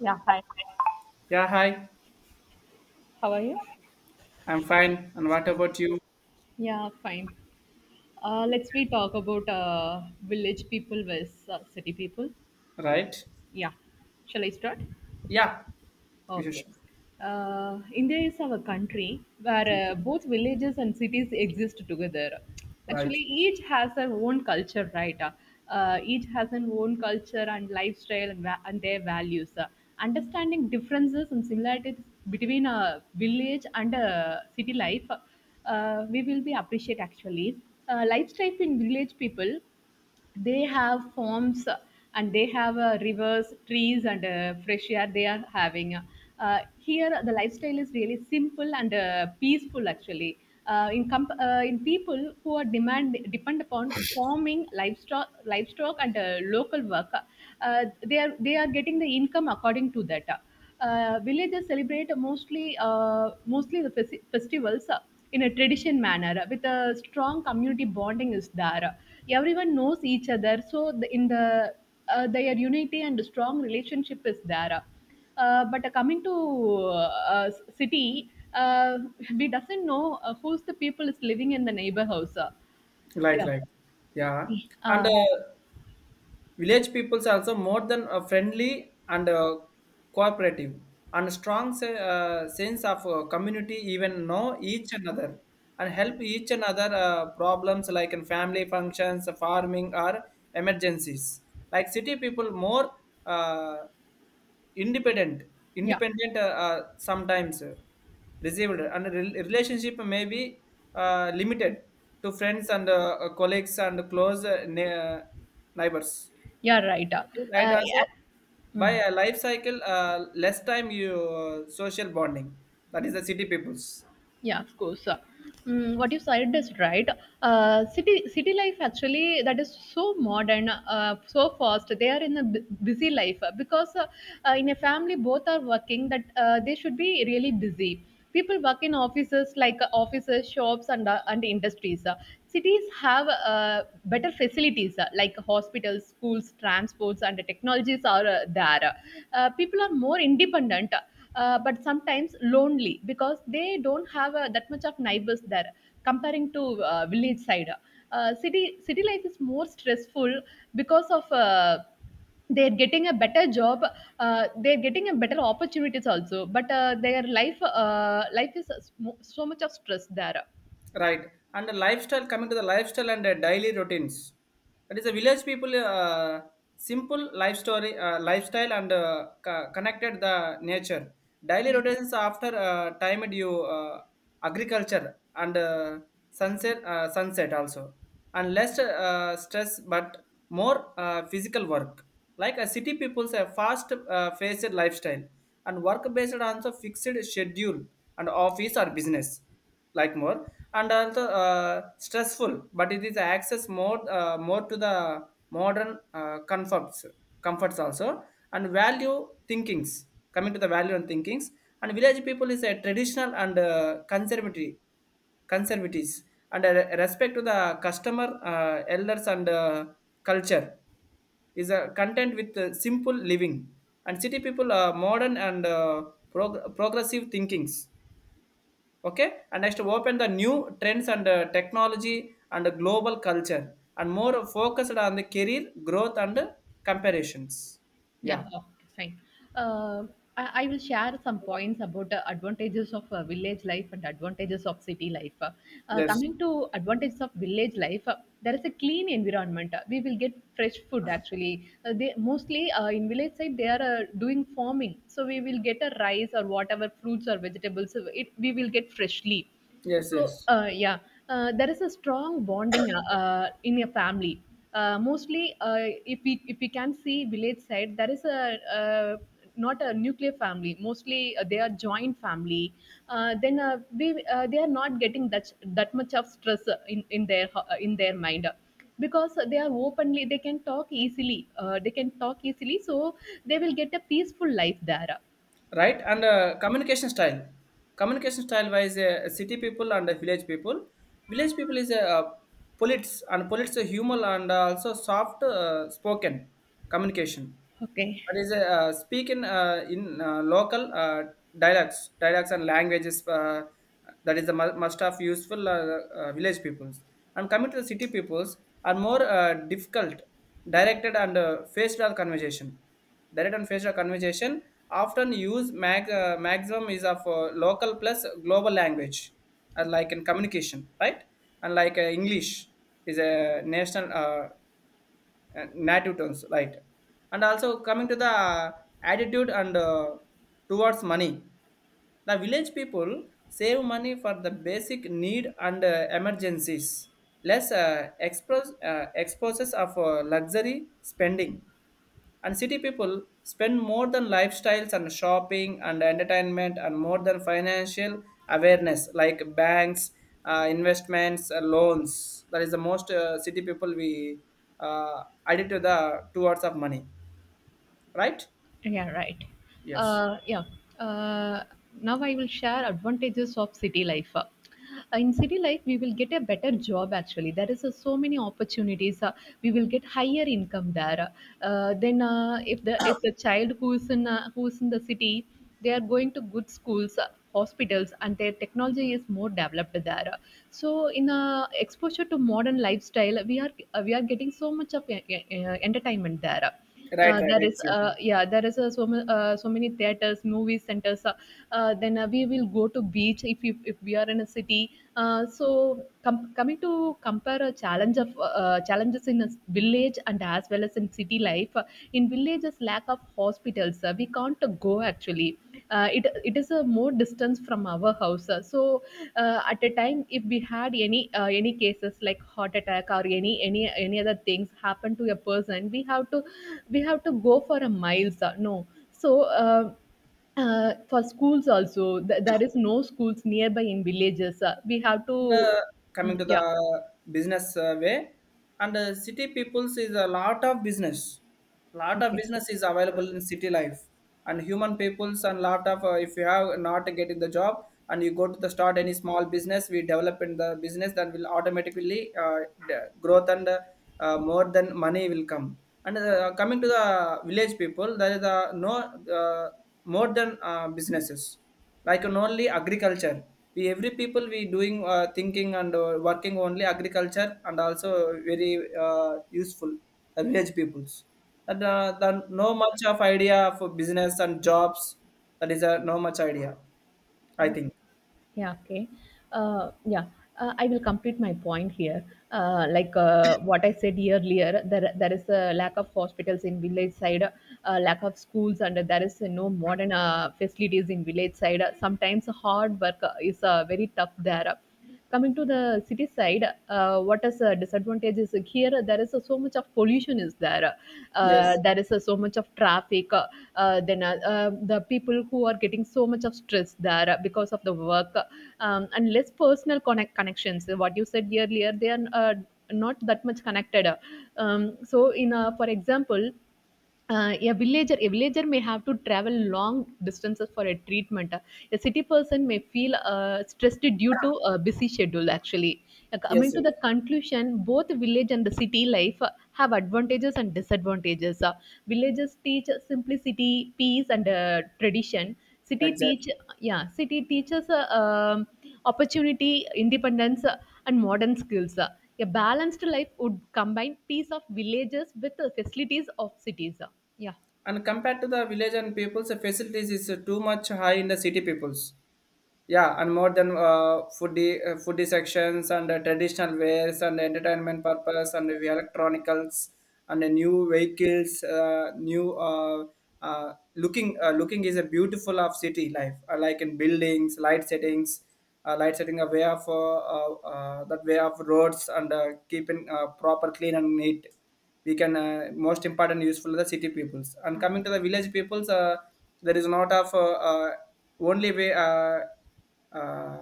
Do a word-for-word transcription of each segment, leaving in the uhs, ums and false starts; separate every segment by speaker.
Speaker 1: Yeah, hi.
Speaker 2: Yeah, hi.
Speaker 1: How are you?
Speaker 2: I'm fine. And what about you?
Speaker 1: Yeah, fine. Uh, let's we talk about uh, village people versus uh, city people.
Speaker 2: Right?
Speaker 1: Yeah, shall I start?
Speaker 2: Yeah. You
Speaker 1: Okay.
Speaker 2: should-
Speaker 1: Uh, India is our country where uh, both villages and cities exist together.
Speaker 2: Right.
Speaker 1: Actually, each has their own culture, right? Uh, each has an own culture and lifestyle and, va- and their values. Uh, understanding differences and similarities between a village and a city life, uh, we will be appreciate actually. Uh, lifestyle in village people they have farms, uh, and they have uh, rivers, trees, and uh, fresh air they are having. Uh, here the lifestyle is really simple and uh, peaceful actually. Uh, in comp- uh, in people who are demand depend upon farming, livestock, livestock and uh, local work. Uh, they are they are getting the income according to that. Uh, villages celebrate mostly uh, mostly the festi- festivals, uh, in a tradition manner, uh, with a strong community bonding is there. Everyone knows each other, so the, in the uh, their unity and strong relationship is there. Uh, but uh, coming to uh, s- city, uh, we doesn't know uh, who's the people is living in the neighbor house. uh.
Speaker 2: Like,
Speaker 1: Yeah,
Speaker 2: like. Yeah. And
Speaker 1: uh,
Speaker 2: uh, village peoples are also more than uh, friendly and uh, cooperative and strong se- uh, sense of uh, community even know each another and help each another uh, problems like in family functions, farming or emergencies. Like city people more uh, Independent,
Speaker 1: yeah,
Speaker 2: independent uh, uh, sometimes uh, received and re- relationship may be uh, limited to friends and uh, uh, colleagues and close uh, ne- uh, neighbors.
Speaker 1: yeah, right.
Speaker 2: Okay, right
Speaker 1: Uh,
Speaker 2: also
Speaker 1: yeah.
Speaker 2: by a life cycle uh, less time you uh, social bonding that is the city peoples.
Speaker 1: Yeah, of course. Uh, Mm, what you said is right. Uh, city city life actually that is so modern, uh, so fast. They are in a bu- busy life uh, because uh, uh, in a family both are working. That uh, they should be really busy. People work in offices, like uh, offices, shops, and uh, and industries. Uh, cities have uh, better facilities uh, like hospitals, schools, transports, and the technologies are uh, there. Uh, people are more independent, uh, but sometimes lonely because they don't have uh, that much of neighbors there, comparing to uh, village side. Uh, city city life is more stressful because of uh, they're getting a better job, uh, they're getting a better opportunities also, but uh, their life uh, life is so, so much of stress there.
Speaker 2: Right. And the lifestyle, coming to the lifestyle and the daily routines. That is a village people, uh, simple life story, uh, lifestyle and uh, co- connected the nature. Daily routines after uh, timed you uh, agriculture and uh, sunset, uh, sunset also. And less uh, stress but more uh, physical work. Like a city people's a fast uh, faced lifestyle and work based on the fixed schedule and office or business like more and also uh, stressful, but it is access more uh, more to the modern uh, comforts comforts also and value thinkings. Coming to the value and thinkings and village people is a traditional and uh, conservative conservatives and uh, respect to the customer uh, elders and uh, culture is a content with uh, simple living and city people are modern and uh, prog- progressive thinkings. Okay, and next open the new trends and uh, technology and global culture and more focused on the career growth and uh, comparisons.
Speaker 1: Yeah,
Speaker 2: Yeah.
Speaker 1: okay, fine. Uh, I, I will share some points about the advantages of uh, village life and advantages of city life. Uh,
Speaker 2: Yes.
Speaker 1: coming to advantages of village life, uh, there is a clean environment. Uh, we will get fresh food actually. Uh, they mostly uh, in village side they are uh, doing farming, so we will get a rice or whatever fruits or vegetables. uh, It, we will get freshly.
Speaker 2: Yes.
Speaker 1: so,
Speaker 2: Yes.
Speaker 1: uh, yeah, uh, there is a strong bonding uh, uh, in a family. Uh, mostly, uh, if we if we can see village side, there is a, uh, not a nuclear family. Mostly, uh, they are joint family. Uh, then uh, we uh, they are not getting that, that much of stress uh, in in their, uh, in their mind, because they are openly they can talk easily. Uh, they can talk easily, so they will get a peaceful life there.
Speaker 2: Right and uh, communication style communication style wise uh, city people and uh, village people village people is a uh, polites and polites a humor and uh, also soft uh, spoken communication,
Speaker 1: Okay.
Speaker 2: that is a uh, speaking uh, in uh, local uh, dialects dialects and languages, uh, that is the mu- must of useful uh, uh, village peoples, and coming to the city peoples are more uh, difficult directed and uh, face value conversation, direct and face value conversation often use mag, uh, maximum is of uh, local plus global language, uh, like in communication, right? And like uh, English is a national, uh, uh, native terms, right? And also coming to the uh, attitude and uh, towards money, the village people save money for the basic need and uh, emergencies, less uh, expos- uh, exposes of uh, luxury spending. And city people spend more than lifestyles and shopping and entertainment and more than financial awareness like banks, uh, investments, uh, loans. That is the most uh, city people we uh, added to the two words of money, right?
Speaker 1: Yeah, right.
Speaker 2: Yes.
Speaker 1: Uh, yeah. Uh, now I will share advantages of city life. Uh, in city life, we will get a better job. Actually, there is uh, so many opportunities. Uh, we will get higher income there. Uh, then, uh, if the if the child who is in, uh, who is in the city, they are going to good schools, uh, hospitals, and their technology is more developed there. So, in uh, exposure to modern lifestyle, we are uh, we are getting so much of uh, uh, entertainment there.
Speaker 2: Right,
Speaker 1: Uh,
Speaker 2: right,
Speaker 1: there is uh,
Speaker 2: exactly.
Speaker 1: yeah, there is uh, so, ma- uh, so many theaters, movie centers, uh, uh, then uh, we will go to beach if, if, if we are in a city. Uh, so com- coming to compare a challenge of, uh, challenges in a s- village and as well as in city life, uh, in villages lack of hospitals, uh, we can't uh, go actually. Uh, it it is a more distance from our house. Uh, so uh, at a time if we had any uh, any cases like heart attack or any any any other things happen to a person, we have to we have to go for a miles. Uh, no. so uh, uh, for schools also th- there is no schools nearby in villages, uh, we have
Speaker 2: The
Speaker 1: to.
Speaker 2: Coming
Speaker 1: Mm,
Speaker 2: to the
Speaker 1: yeah.
Speaker 2: business uh, way, and uh, city peoples is a lot of business. Lot of
Speaker 1: Okay.
Speaker 2: business is available in city life, and human peoples and lot of uh, if you have not getting the job and you go to the start any small business, we develop in the business that will automatically uh, the growth and uh, more than money will come. And uh, coming to the village people, there is uh, no uh, more than uh, businesses like on only agriculture. We every people we doing uh, thinking and uh, working only agriculture and also very uh, useful uh, village peoples. And uh, the, no much of idea for business and jobs. That is a no much idea, I think.
Speaker 1: Yeah, okay. Uh, yeah, uh, I will complete my point here. Uh, like uh, what I said earlier, there, there is a lack of hospitals in village side, uh, lack of schools, and there is uh, no modern uh, facilities in village side. Sometimes hard work uh, is uh, very tough there. Coming to the city side, uh, what is a disadvantage is, like here there is uh, so much of pollution is there, uh,
Speaker 2: Yes,
Speaker 1: there is uh, so much of traffic, uh, uh, then uh, uh, the people who are getting so much of stress there uh, because of the work. Um, and less personal connect connections, what you said earlier, they are uh, not that much connected. Um, so in uh, for example, uh, a villager a villager may have to travel long distances for a treatment. A city person may feel uh, stressed due to a busy schedule actually. Uh, coming
Speaker 2: yes,
Speaker 1: to
Speaker 2: yes,
Speaker 1: the conclusion, both village and the city life uh, have advantages and disadvantages. Uh, villages teach simplicity, peace, and uh, tradition. City teach
Speaker 2: exactly.
Speaker 1: Yeah, city teaches uh, um, opportunity, independence, uh, and modern skills. A balanced life would combine peace of villages with the facilities of cities. Yeah.
Speaker 2: And compared to the village and peoples, the facilities is uh, too much high in the city peoples. Yeah, and more than uh, foodie, uh, foodie sections and uh, traditional wares and entertainment purpose and the electronicals and the new vehicles, uh, new uh, uh, looking. Uh, looking is a beautiful of city life, uh, like in buildings, light settings, uh, light setting a way of uh, uh, uh, that way of roads and uh, keeping uh, proper clean and neat, we can uh, most important useful the city peoples, and coming to the village peoples uh, there is not of uh, uh, only way, uh, uh,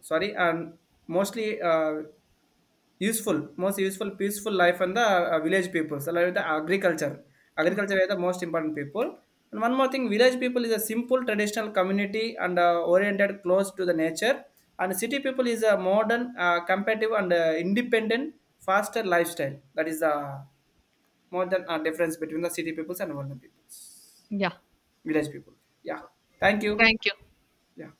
Speaker 2: sorry, and mostly uh, useful most useful peaceful life and the uh, village peoples along with the agriculture,
Speaker 1: Okay.
Speaker 2: agriculture is the most important people. And one more thing, village people is a simple traditional community and uh, oriented close to the nature, and city people is a modern uh, competitive and uh, independent faster lifestyle. That is the more than a difference between the city peoples and village peoples.
Speaker 1: Yeah.
Speaker 2: Village people. Yeah, thank you.
Speaker 1: Thank you.
Speaker 2: Yeah.